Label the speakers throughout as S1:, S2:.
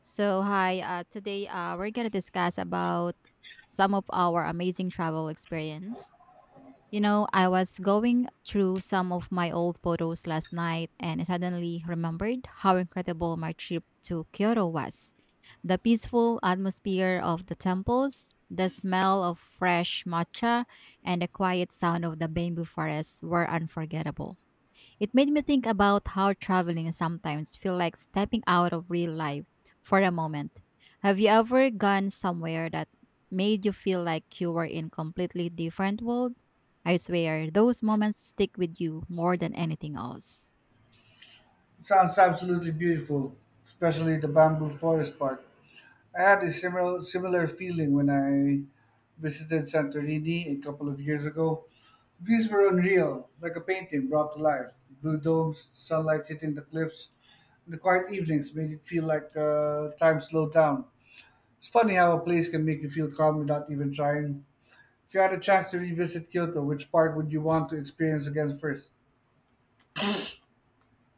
S1: So hi, today we're gonna discuss about some of our amazing travel experience. You know, I was going through some of my old photos last night and I suddenly remembered how incredible my trip to Kyoto was. The peaceful atmosphere of the temples, the smell of fresh matcha, and the quiet sound of the bamboo forest were unforgettable. It made me think about how traveling sometimes feel like stepping out of real life for a moment. Have you ever gone somewhere that made you feel like you were in completely different world? I swear, those moments stick with you more than anything else.
S2: Sounds absolutely beautiful, especially the bamboo forest part. I had a similar feeling when I visited Santorini a couple of years ago. Views were unreal, like a painting brought to life. Blue domes, sunlight hitting the cliffs, and the quiet evenings made it feel like time slowed down. It's funny how a place can make you feel calm without even trying. If you had a chance to revisit Kyoto, which part would you want to experience again first?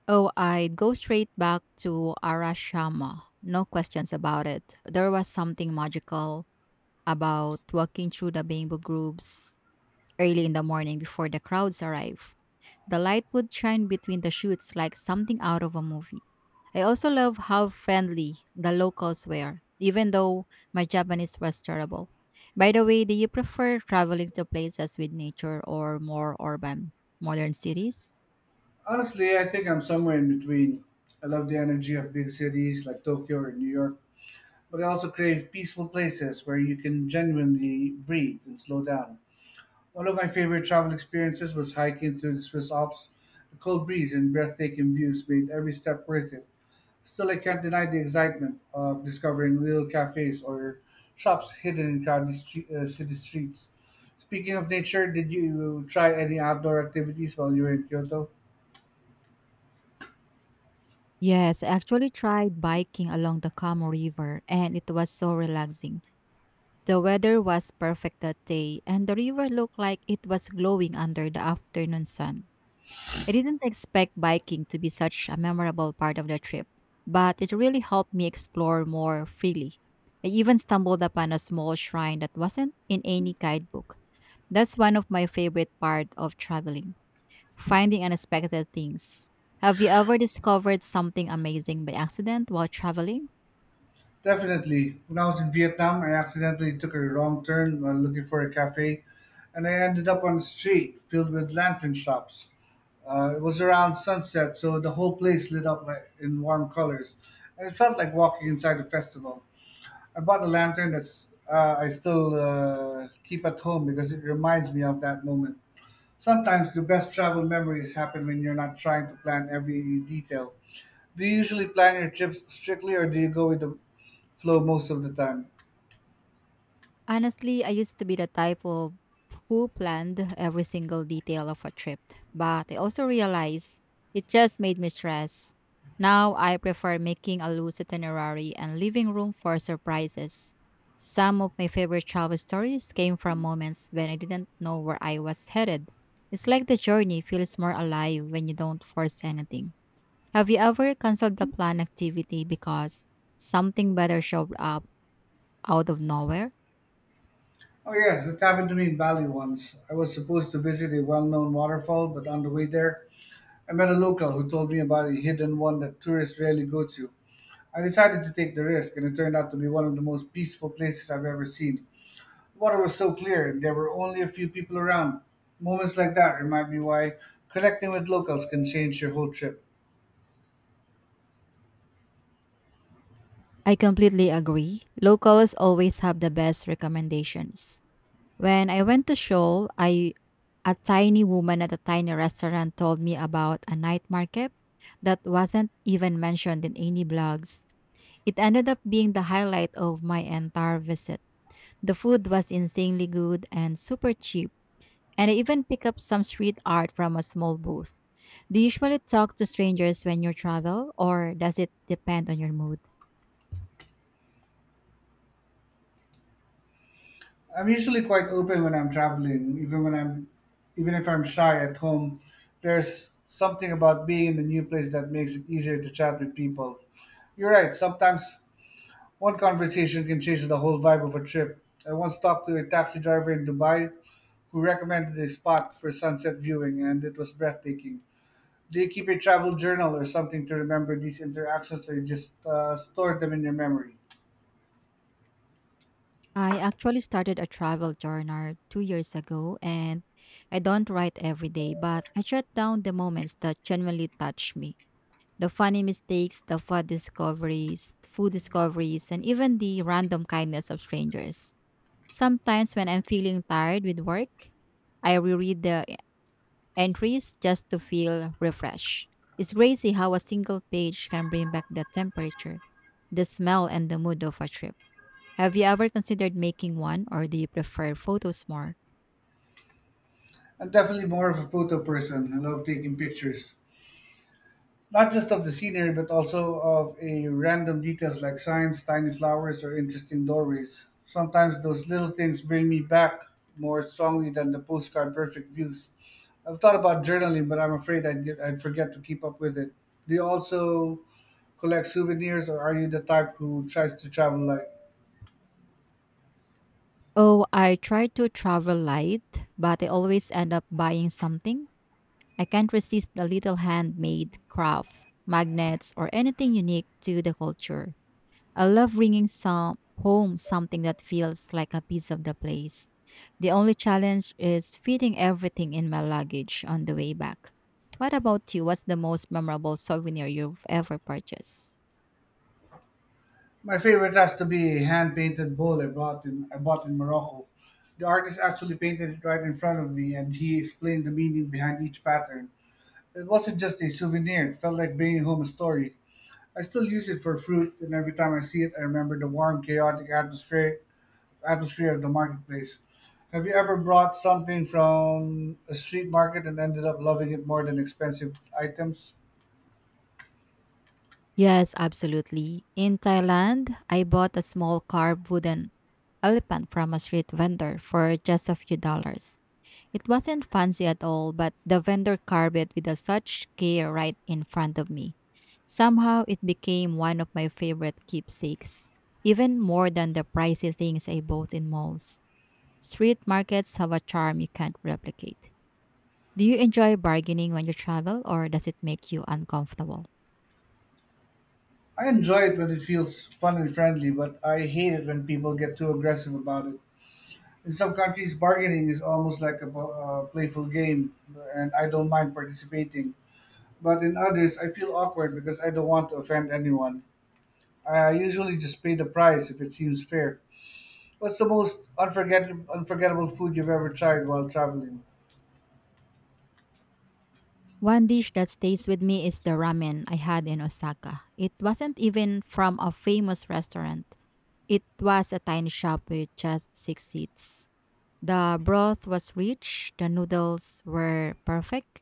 S1: Oh, I'd go straight back to Arashama. No questions about it. There was something magical about walking through the bamboo groves early in the morning before the crowds arrive. The light would shine between the shoots like something out of a movie. I also love how friendly the locals were, even though my Japanese was terrible. By the way, do you prefer traveling to places with nature or more urban, modern cities?
S2: Honestly, I think I'm somewhere in between. I love the energy of big cities like Tokyo or New York, but I also crave peaceful places where you can genuinely breathe and slow down. One of my favorite travel experiences was hiking through the Swiss Alps. The cold breeze and breathtaking views made every step worth it. Still, I can't deny the excitement of discovering little cafes or shops hidden in crowded city streets. Speaking of nature, did you try any outdoor activities while you were in Kyoto?
S1: Yes, I actually tried biking along the Kamo River and it was so relaxing. The weather was perfect that day and the river looked like it was glowing under the afternoon sun. I didn't expect biking to be such a memorable part of the trip, but it really helped me explore more freely. I even stumbled upon a small shrine that wasn't in any guidebook. That's one of my favorite part of traveling, finding unexpected things. Have you ever discovered something amazing by accident while traveling?
S2: Definitely. When I was in Vietnam, I accidentally took a wrong turn while looking for a cafe, and I ended up on a street filled with lantern shops. It was around sunset, so the whole place lit up like, in warm colors, and it felt like walking inside a festival. I bought a lantern that's I still keep at home because it reminds me of that moment. Sometimes the best travel memories happen when you're not trying to plan every detail. Do you usually plan your trips strictly, or do you go with the flow most of the time?
S1: Honestly, I used to be the type of who planned every single detail of a trip, but I also realized it just made me stress. Now I prefer making a loose itinerary and leaving room for surprises. Some of my favorite travel stories came from moments when I didn't know where I was headed. It's like the journey feels more alive when you don't force anything. Have you ever canceled the planned activity because something better showed up out of nowhere?
S2: Oh, yes, it happened to me in Bali once. I was supposed to visit a well known waterfall, but on the way there, I met a local who told me about a hidden one that tourists rarely go to. I decided to take the risk, and it turned out to be one of the most peaceful places I've ever seen. The water was so clear, and there were only a few people around. Moments like that remind me why connecting with locals can change your whole trip.
S1: I completely agree. Locals always have the best recommendations. When I went to Seoul, I a tiny woman at a tiny restaurant told me about a night market that wasn't even mentioned in any blogs. It ended up being the highlight of my entire visit. The food was insanely good and super cheap, and I even picked up some street art from a small booth. Do you usually talk to strangers when you travel, or does it depend on your mood?
S2: I'm usually quite open when I'm traveling, even if I'm shy at home. There's something about being in a new place that makes it easier to chat with people. You're right, sometimes one conversation can change the whole vibe of a trip. I once talked to a taxi driver in Dubai who recommended a spot for sunset viewing and it was breathtaking. Do you keep a travel journal or something to remember these interactions or you just store them in your memory?
S1: I actually started a travel journal 2 years ago, and I don't write every day, but I jot down the moments that genuinely touch me. The funny mistakes, food discoveries, and even the random kindness of strangers. Sometimes when I'm feeling tired with work, I reread the entries just to feel refreshed. It's crazy how a single page can bring back the temperature, the smell, and the mood of a trip. Have you ever considered making one or do you prefer photos more?
S2: I'm definitely more of a photo person. I love taking pictures, not just of the scenery, but also of a random details like signs, tiny flowers, or interesting doorways. Sometimes those little things bring me back more strongly than the postcard perfect views. I've thought about journaling, but I'm afraid I'd forget to keep up with it. Do you also collect souvenirs, or are you the type who tries to travel light?
S1: Oh, I try to travel light, but I always end up buying something. I can't resist the little handmade craft, magnets, or anything unique to the culture. I love bringing some home something that feels like a piece of the place. The only challenge is fitting everything in my luggage on the way back. What about you? What's the most memorable souvenir you've ever purchased?
S2: My favorite has to be a hand painted bowl I bought in Morocco. The artist actually painted it right in front of me, and he explained the meaning behind each pattern. It wasn't just a souvenir, it felt like bringing home a story. I still use it for fruit, and every time I see it, I remember the warm, chaotic atmosphere of the marketplace. Have you ever brought something from a street market and ended up loving it more than expensive items?
S1: Yes, absolutely. In Thailand, I bought a small carved wooden elephant from a street vendor for just a few dollars. It wasn't fancy at all, but the vendor carved it with a such care right in front of me. Somehow it became one of my favorite keepsakes, even more than the pricey things I bought in malls. Street markets have a charm you can't replicate. Do you enjoy bargaining when you travel, or does it make you uncomfortable?
S2: I enjoy it when it feels fun and friendly, but I hate it when people get too aggressive about it. In some countries, bargaining is almost like a playful game, and I don't mind participating. But in others, I feel awkward because I don't want to offend anyone. I usually just pay the price if it seems fair. What's the most unforgettable food you've ever tried while traveling?
S1: One dish that stays with me is the ramen I had in Osaka. It wasn't even from a famous restaurant. It was a tiny shop with just six seats. The broth was rich, the noodles were perfect,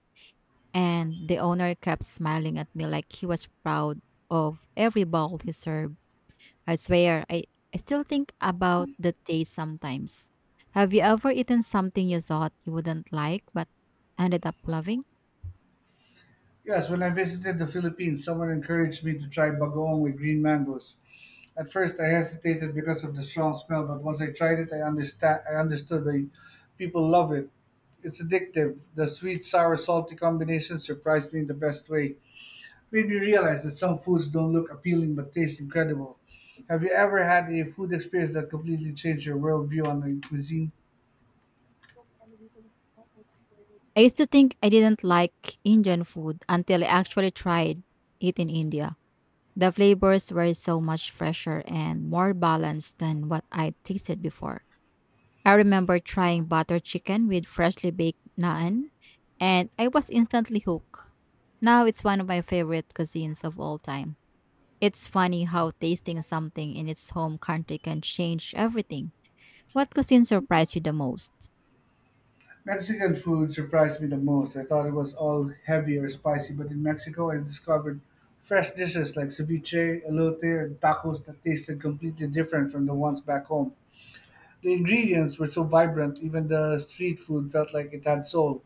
S1: and the owner kept smiling at me like he was proud of every bowl he served. I swear, I still think about the taste sometimes. Have you ever eaten something you thought you wouldn't like but ended up loving?
S2: Yes, when I visited the Philippines, someone encouraged me to try bagoong with green mangoes. At first, I hesitated because of the strong smell, but once I tried it, I understand. I understood why people love it. It's addictive. The sweet, sour, salty combination surprised me in the best way. Made me realize that some foods don't look appealing but taste incredible. Have you ever had a food experience that completely changed your worldview on the cuisine?
S1: I used to think I didn't like Indian food until I actually tried it in India. The flavors were so much fresher and more balanced than what I tasted before. I remember trying butter chicken with freshly baked naan, and I was instantly hooked. Now it's one of my favorite cuisines of all time. It's funny how tasting something in its home country can change everything. What cuisine surprised you the most?
S2: Mexican food surprised me the most. I thought it was all heavy or spicy, but in Mexico I discovered fresh dishes like ceviche, elote, and tacos that tasted completely different from the ones back home. The ingredients were so vibrant, even the street food felt like it had soul.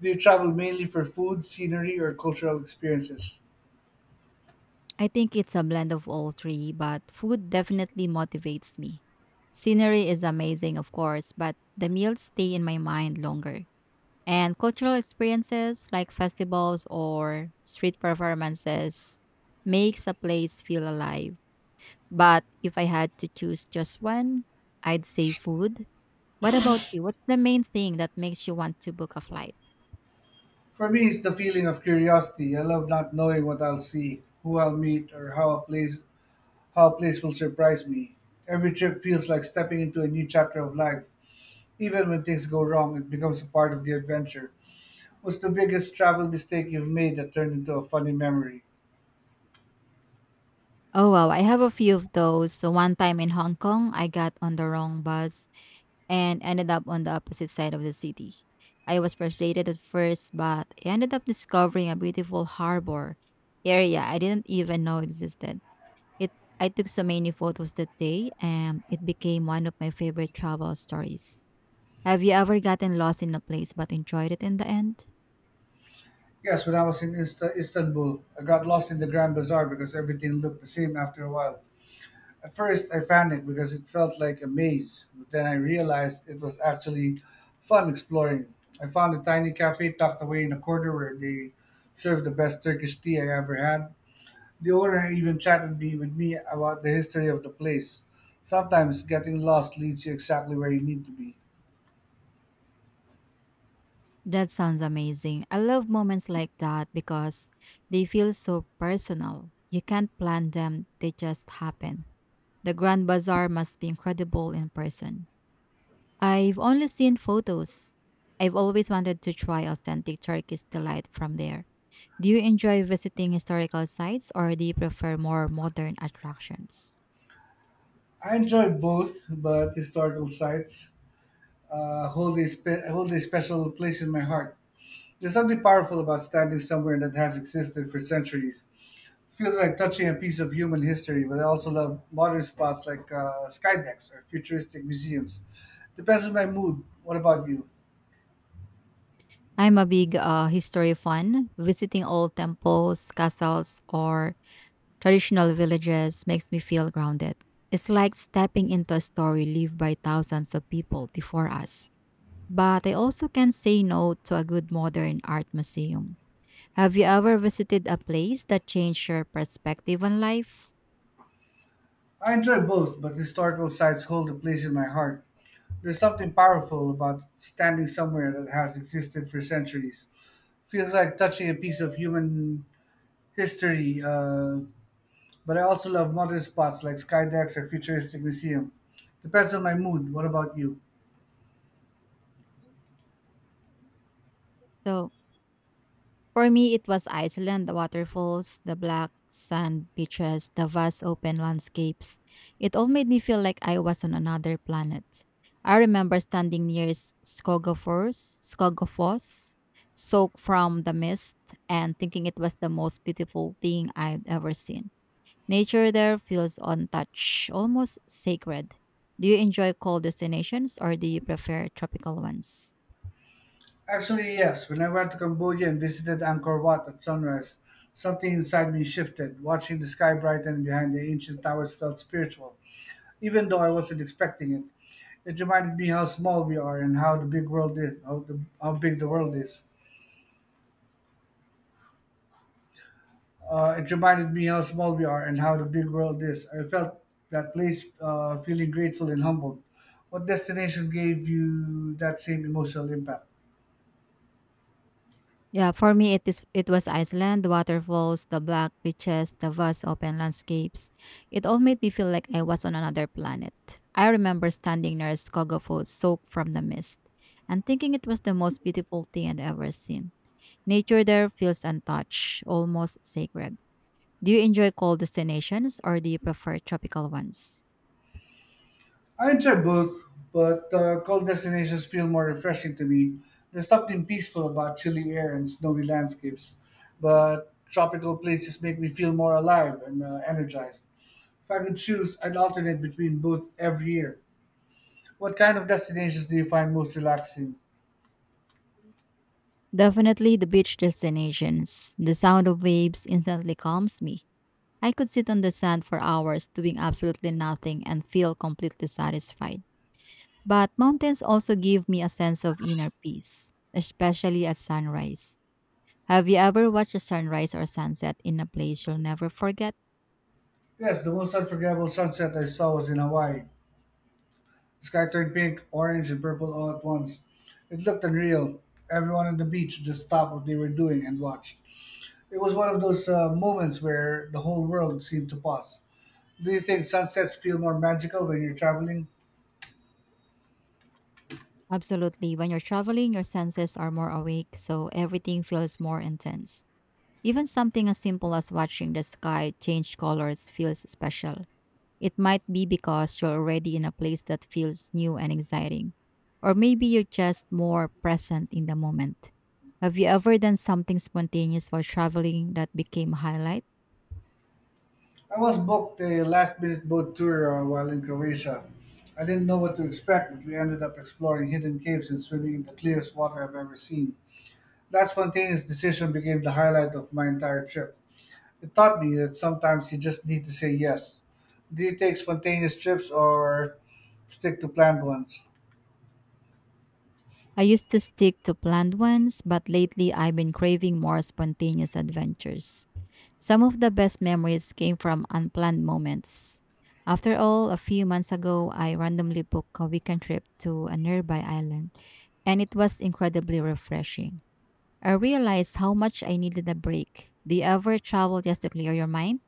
S2: Do you travel mainly for food, scenery, or cultural experiences?
S1: I think it's a blend of all three, but food definitely motivates me. Scenery is amazing, of course, but the meals stay in my mind longer. And cultural experiences like festivals or street performances makes a place feel alive. But if I had to choose just one, I'd say food. What about you? What's the main thing that makes you want to book a flight?
S2: For me, it's the feeling of curiosity. I love not knowing what I'll see, who I'll meet, or how a place will surprise me. Every trip feels like stepping into a new chapter of life. Even when things go wrong, it becomes a part of the adventure. What's the biggest travel mistake you've made that turned into a funny memory?
S1: Oh wow, I have a few of those. So one time in Hong Kong, I got on the wrong bus and ended up on the opposite side of the city. I was frustrated at first, but I ended up discovering a beautiful harbor area I didn't even know existed. It I took so many photos that day and it became one of my favorite travel stories. Have you ever gotten lost in a place but enjoyed it in the end?
S2: Yes, when I was in Istanbul, I got lost in the Grand Bazaar because everything looked the same after a while. At first, I panicked because it felt like a maze, but then I realized it was actually fun exploring. I found a tiny cafe tucked away in a corner where they served the best Turkish tea I ever had. The owner even chatted me with me about the history of the place. Sometimes getting lost leads you exactly where you need to be.
S1: That sounds amazing. I love moments like that because they feel so personal. You can't plan them, they just happen. The Grand Bazaar must be incredible in person. I've only seen photos. I've always wanted to try authentic Turkish delight from there. Do you enjoy visiting historical sites or do you prefer more modern attractions?
S2: I enjoy both, but historical sites hold a special place in my heart. There's something powerful about standing somewhere that has existed for centuries, feels like touching a piece of human history, but I also love modern spots like skydecks or futuristic museums. Depends on my mood. What about you?
S1: I'm a big history fan. Visiting old temples, castles, or traditional villages makes me feel grounded. It's like stepping into a story lived by thousands of people before us. But I also can't say no to a good modern art museum. Have you ever visited a place that changed your perspective on life?
S2: I enjoy both, but historical sites hold a place in my heart. There's something powerful about standing somewhere that has existed for centuries. Feels like touching a piece of human history, but I also love modern spots like skydecks or futuristic museum. Depends on my mood. What about you?
S1: So, For me, it was Iceland, the waterfalls, the black sand beaches, the vast open landscapes. It all made me feel like I was on another planet. I remember standing near Skogafoss, soaked from the mist, and thinking it was the most beautiful thing I'd ever seen. Nature there feels untouched, almost sacred. Do you enjoy cold destinations or do you prefer tropical ones?
S2: Actually, yes. When I went to Cambodia and visited Angkor Wat at sunrise, something inside me shifted. Watching the sky brighten behind the ancient towers felt spiritual, even though I wasn't expecting it. It reminded me how small we are and how the big world is. How, the, How big the world is. It reminded me how small we are and how the big world is. I felt that place feeling grateful and humbled. What destination gave you that same emotional impact?
S1: Yeah, for me it is it was Iceland, the waterfalls, the black beaches, the vast open landscapes. It all made me feel like I was on another planet. I remember standing near Skogafos soaked from the mist and thinking it was the most beautiful thing I'd ever seen. Nature there feels untouched, almost sacred. Do you enjoy cold destinations or do you prefer tropical ones?
S2: I enjoy both, but cold destinations feel more refreshing to me. There's something peaceful about chilly air and snowy landscapes, but tropical places make me feel more alive and energized. If I could choose, I'd alternate between both every year. What kind of destinations do you find most relaxing?
S1: Definitely the beach destinations. The sound of waves instantly calms me. I could sit on the sand for hours doing absolutely nothing and feel completely satisfied. But mountains also give me a sense of inner peace, especially at sunrise. Have you ever watched a sunrise or sunset in a place you'll never forget?
S2: Yes, the most unforgettable sunset I saw was in Hawaii. The sky turned pink, orange, and purple all at once. It looked unreal. Everyone on the beach just stopped what they were doing and watched. It was one of those moments where the whole world seemed to pause. Do you think sunsets feel more magical when you're traveling?
S1: Absolutely. When you're traveling, your senses are more awake, so everything feels more intense. Even something as simple as watching the sky change colors feels special. It might be because you're already in a place that feels new and exciting, or maybe you're just more present in the moment. Have you ever done something spontaneous while traveling that became a highlight?
S2: I was booked a last minute boat tour while in Croatia. I didn't know what to expect, but we ended up exploring hidden caves and swimming in the clearest water I've ever seen. That spontaneous decision became the highlight of my entire trip. It taught me that sometimes you just need to say yes. Do you take spontaneous trips or stick to planned ones?
S1: I used to stick to planned ones, but lately I've been craving more spontaneous adventures. Some of the best memories came from unplanned moments. After all, a few months ago, I randomly booked a weekend trip to a nearby island, and it was incredibly refreshing. I realized how much I needed a break. Do you ever travel just to clear your mind?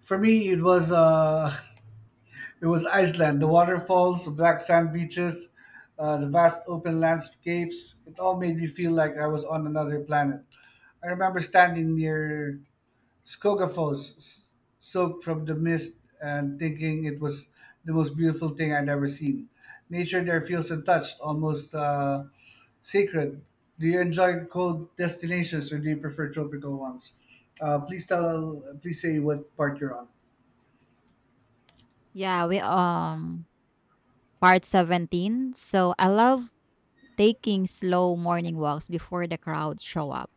S2: For me, it was it was Iceland. The waterfalls, the black sand beaches, the vast open landscapes. It all made me feel like I was on another planet. I remember standing near Skogafoss, s- soaked from the mist, and thinking it was the most beautiful thing I'd ever seen. Nature there feels untouched, almost sacred. Do you enjoy cold destinations or do you prefer tropical ones? Please say what part you're on.
S1: Yeah, we part 17. So I love taking slow morning walks before the crowds show up.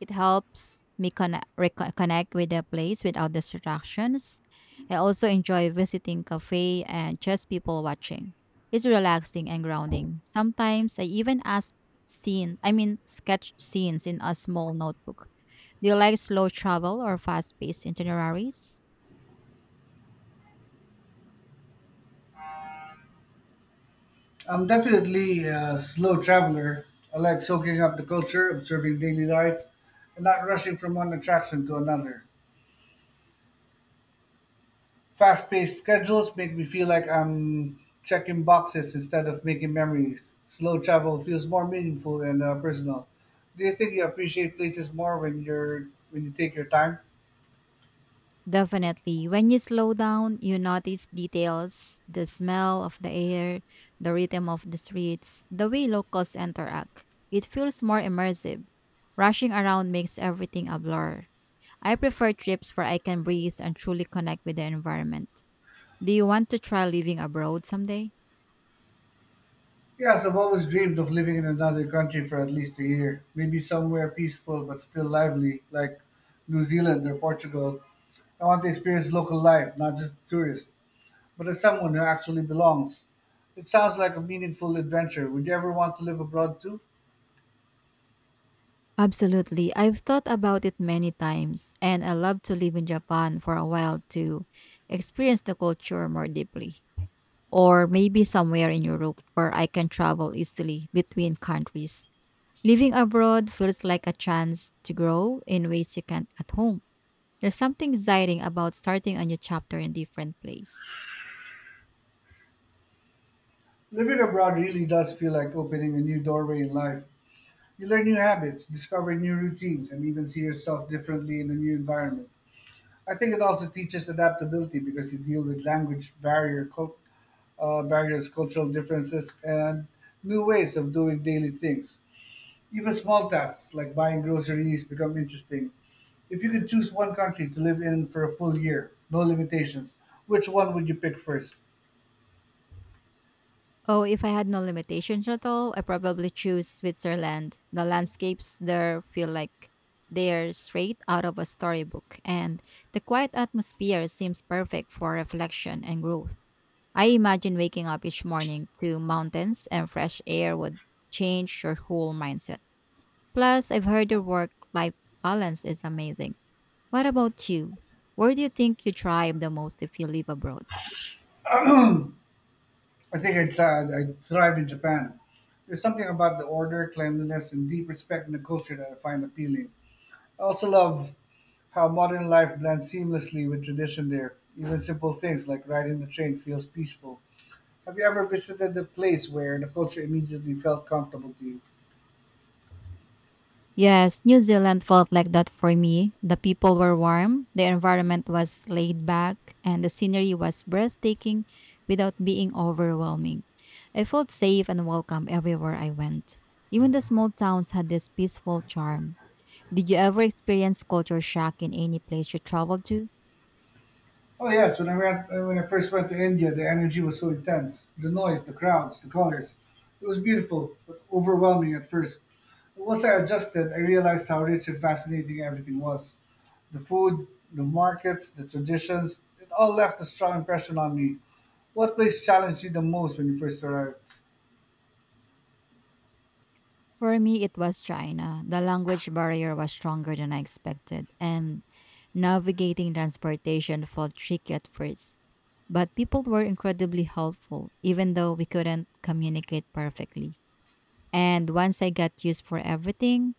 S1: It helps me reconnect with the place without distractions. I also enjoy visiting cafe and just people watching. It's relaxing and grounding. Sometimes I even ask scene, I mean sketch scenes in a small notebook. Do you like slow travel or fast-paced itineraries?
S2: I'm definitely a slow traveler. I like soaking up the culture, observing daily life, and not rushing from one attraction to another. Fast paced schedules make me feel like I'm checking boxes instead of making memories. Slow travel feels more meaningful and personal. Do you think you appreciate places more when you take your time?
S1: Definitely. When you slow down, you notice details the smell of the air, the rhythm of the streets, the way locals interact. It feels more immersive. Rushing around makes everything a blur. I prefer trips where I can breathe and truly connect with the environment. Do you want to try living abroad someday?
S2: Yes, I've always dreamed of living in another country for at least a year. Maybe somewhere peaceful but still lively, like New Zealand or Portugal. I want to experience local life, not just a tourist, but as someone who actually belongs. It sounds like a meaningful adventure. Would you ever want to live abroad too?
S1: Absolutely. I've thought about it many times, and I love to live in Japan for a while to experience the culture more deeply. Or maybe somewhere in Europe where I can travel easily between countries. Living abroad feels like a chance to grow in ways you can't at home. There's something exciting about starting a new chapter in a different place.
S2: Living abroad really does feel like opening a new doorway in life. You learn new habits, discover new routines, and even see yourself differently in a new environment. I think it also teaches adaptability because you deal with language barrier, barriers, cultural differences, and new ways of doing daily things. Even small tasks like buying groceries become interesting. If you could choose one country to live in for a full year, no limitations, which one would you pick first?
S1: Oh, if I had no limitations at all, I probably choose Switzerland. The landscapes there feel like they're straight out of a storybook, and the quiet atmosphere seems perfect for reflection and growth. I imagine waking up each morning to mountains and fresh air would change your whole mindset. Plus, I've heard your work life balance is amazing. What about you? Where do you think you thrive the most if you live abroad?
S2: I think I'd thrive in Japan. There's something about the order, cleanliness, and deep respect in the culture that I find appealing. I also love how modern life blends seamlessly with tradition there. Even simple things like riding the train feels peaceful. Have you ever visited a place where the culture immediately felt comfortable to you?
S1: Yes, New Zealand felt like that for me. The people were warm, the environment was laid back, and the scenery was breathtaking without being overwhelming. I felt safe and welcome everywhere I went. Even the small towns had this peaceful charm. Did you ever experience culture shock in any place you traveled to?
S2: Oh yes, when I first went to India, the energy was so intense. The noise, the crowds, the colors. It was beautiful, but overwhelming at first. Once I adjusted, I realized how rich and fascinating everything was. The food, the markets, the traditions, it all left a strong impression on me. What place challenged you the most when you first arrived?
S1: For me, it was China. The language barrier was stronger than I expected, and navigating transportation felt tricky at first. But people were incredibly helpful, even though we couldn't communicate perfectly. And once I got used for everything,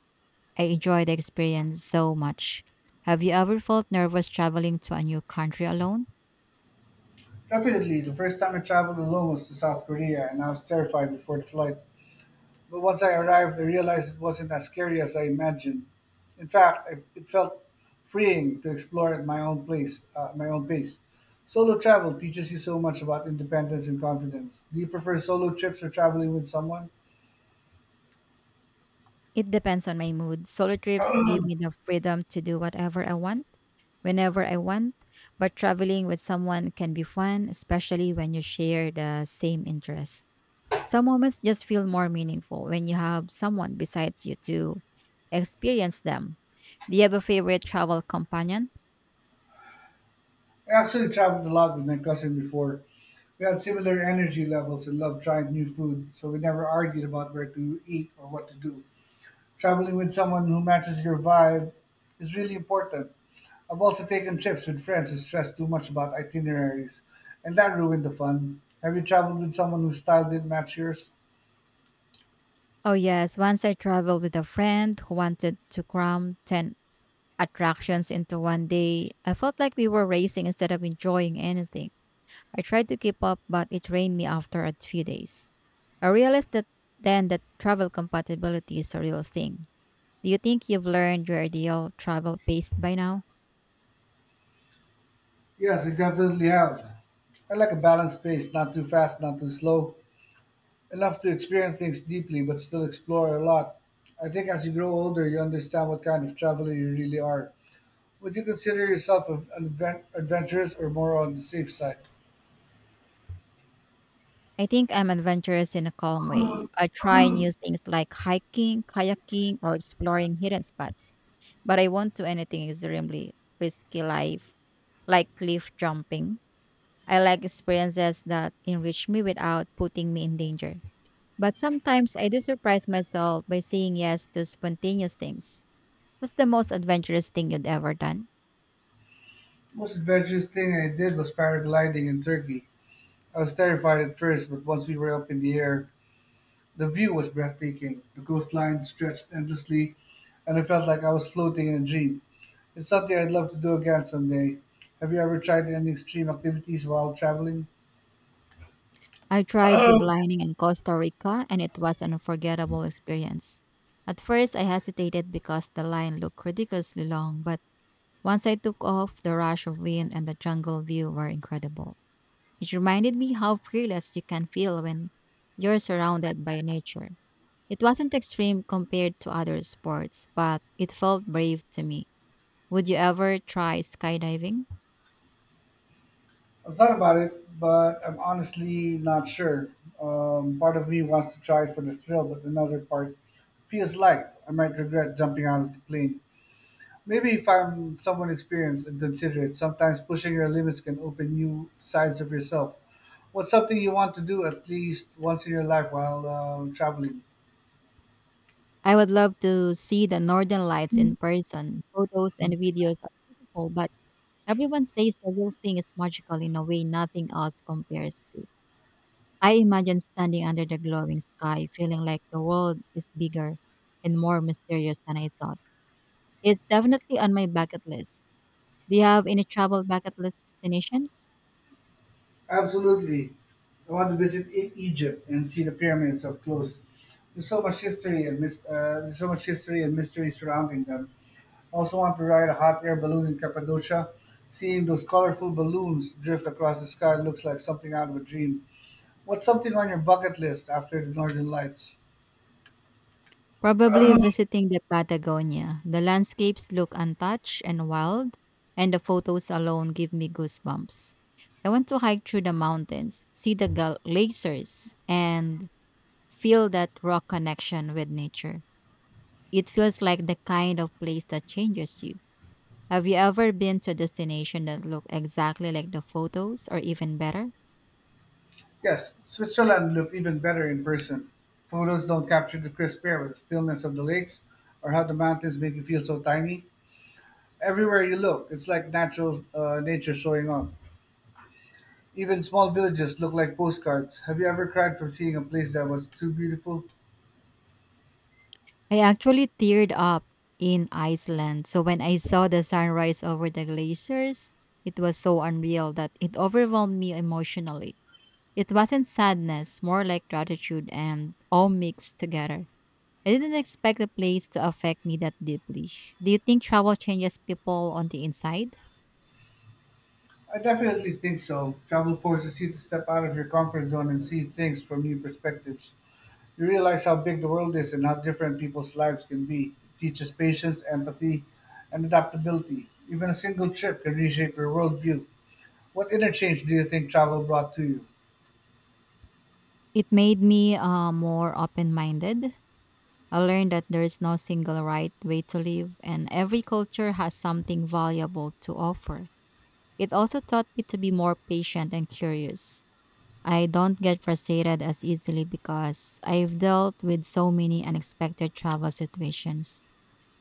S1: I enjoyed the experience so much. Have you ever felt nervous traveling to a new country alone?
S2: Definitely, the first time I traveled alone was to South Korea, and I was terrified before the flight. But once I arrived, I realized it wasn't as scary as I imagined. In fact, it felt freeing to explore at my own my own pace. Solo travel teaches you so much about independence and confidence. Do you prefer solo trips or traveling with someone?
S1: It depends on my mood. Solo trips give me the freedom to do whatever I want, whenever I want, but traveling with someone can be fun, especially when you share the same interest. Some moments just feel more meaningful when you have someone besides you to experience them. Do you have a favorite travel companion?
S2: I actually traveled a lot with my cousin before. We had similar energy levels and loved trying new food, so we never argued about where to eat or what to do. Traveling with someone who matches your vibe is really important. I've also taken trips with friends who stressed too much about itineraries, and that ruined the fun. Have you traveled with someone whose style didn't match yours?
S1: Oh, yes. Once I traveled with a friend who wanted to cram 10 attractions into one day. I felt like we were racing instead of enjoying anything. I tried to keep up, but it drained me after a few days. I realized that then that travel compatibility is a real thing. Do you think you've learned your ideal travel pace by now?
S2: Yes, I definitely have. I like a balanced pace, not too fast, not too slow. Enough to experience things deeply, but still explore a lot. I think as you grow older, you understand what kind of traveler you really are. Would you consider yourself an adventurous or more on the safe side?
S1: I think I'm adventurous in a calm way. I try new things like hiking, kayaking, or exploring hidden spots. But I won't do anything extremely risky life, like cliff jumping. I like experiences that enrich me without putting me in danger. But sometimes I do surprise myself by saying yes to spontaneous things. What's the most adventurous thing you'd ever done?
S2: Most adventurous thing I did was paragliding in Turkey. I was terrified at first, but once we were up in the air, the view was breathtaking. The coastline stretched endlessly, and I felt like I was floating in a dream. It's something I'd love to do again someday. Have you ever tried any extreme activities while traveling?
S1: I tried ziplining in Costa Rica, and it was an unforgettable experience. At first, I hesitated because the line looked ridiculously long, but once I took off, the rush of wind and the jungle view were incredible. It reminded me how fearless you can feel when you're surrounded by nature. It wasn't extreme compared to other sports, but it felt brave to me. Would you ever try skydiving?
S2: I've thought about it, but I'm honestly not sure. Part of me wants to try it for the thrill, but another part feels like I might regret jumping out of the plane. Maybe if I'm someone experienced and considerate, sometimes pushing your limits can open new sides of yourself. What's something you want to do at least once in your life while traveling?
S1: I would love to see the northern lights in person. Photos and videos are beautiful, but everyone says the real thing is magical in a way nothing else compares to. I imagine standing under the glowing sky, feeling like the world is bigger and more mysterious than I thought. It's definitely on my bucket list. Do you have any travel bucket list destinations?
S2: Absolutely. I want to visit Egypt and see the pyramids up close. There's so much history and mystery surrounding them. I also want to ride a hot air balloon in Cappadocia. Seeing those colorful balloons drift across the sky looks like something out of a dream. What's something on your bucket list after the Northern Lights?
S1: Probably visiting the Patagonia. The landscapes look untouched and wild, and the photos alone give me goosebumps. I want to hike through the mountains, see the glaciers, and feel that raw connection with nature. It feels like the kind of place that changes you. Have you ever been to a destination that looked exactly like the photos or even better?
S2: Yes, Switzerland looked even better in person. Photos don't capture the crisp air, but the stillness of the lakes, or how the mountains make you feel so tiny. Everywhere you look, it's like natural nature showing off. Even small villages look like postcards. Have you ever cried from seeing a place that was too beautiful?
S1: I actually teared up in Iceland. So when I saw the sunrise over the glaciers, it was so unreal that it overwhelmed me emotionally. It wasn't sadness, more like gratitude and all mixed together. I didn't expect the place to affect me that deeply. Do you think travel changes people on the inside?
S2: I definitely think so. Travel forces you to step out of your comfort zone and see things from new perspectives. You realize how big the world is and how different people's lives can be. It teaches patience, empathy, and adaptability. Even a single trip can reshape your worldview. What interchange do you think travel brought to you?
S1: It made me more open minded. I learned that there's no single right way to live, and every culture has something valuable to offer. It also taught me to be more patient and curious. I don't get frustrated as easily because I've dealt with so many unexpected travel situations.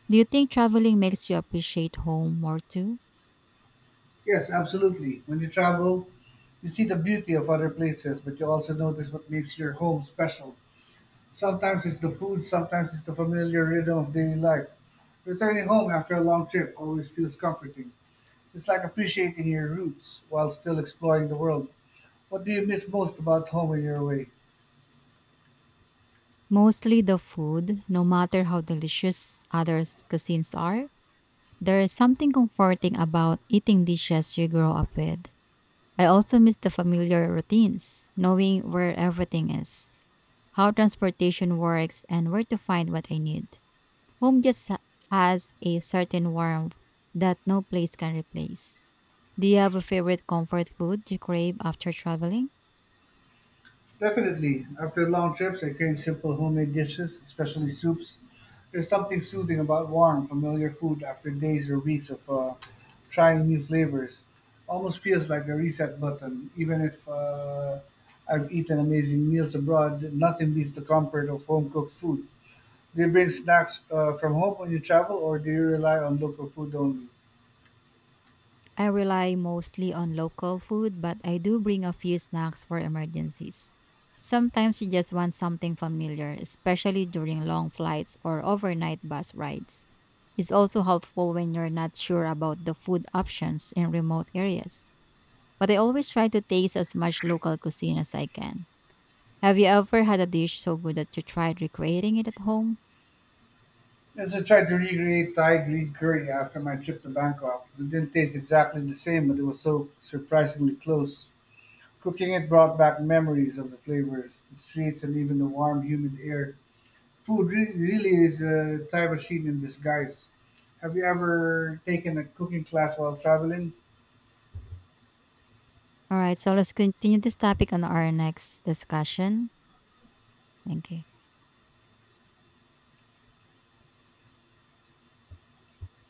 S1: Do you think traveling makes you appreciate home more too?
S2: Yes, absolutely. When you travel, you see the beauty of other places, but you also notice what makes your home special. Sometimes it's the food, sometimes it's the familiar rhythm of daily life. Returning home after a long trip always feels comforting. It's like appreciating your roots while still exploring the world. What do you miss most about home when you're away?
S1: Mostly the food, no matter how delicious others' cuisines are. There's something comforting about eating dishes you grow up with. I also miss the familiar routines, knowing where everything is, how transportation works, and where to find what I need. Home just has a certain warmth that no place can replace. Do you have a favorite comfort food you crave after traveling?
S2: Definitely. After long trips, I crave simple homemade dishes, especially soups. There's something soothing about warm, familiar food after days or weeks of trying new flavors. Almost feels like a reset button. Even if I've eaten amazing meals abroad, nothing beats the comfort of home cooked food. Do you bring snacks from home when you travel, or do you rely on local food only?
S1: I rely mostly on local food, but I do bring a few snacks for emergencies. Sometimes you just want something familiar, especially during long flights or overnight bus rides. It's also helpful when you're not sure about the food options in remote areas. But I always try to taste as much local cuisine as I can. Have you ever had a dish so good that you tried recreating it at home?
S2: As I tried to recreate Thai green curry after my trip to Bangkok, it didn't taste exactly the same, but it was so surprisingly close. Cooking it brought back memories of the flavors, the streets, and even the warm, humid air. Really is a time machine in disguise. Have you ever taken a cooking class while traveling?
S1: All right, so let's continue this topic on our next discussion. Thank you.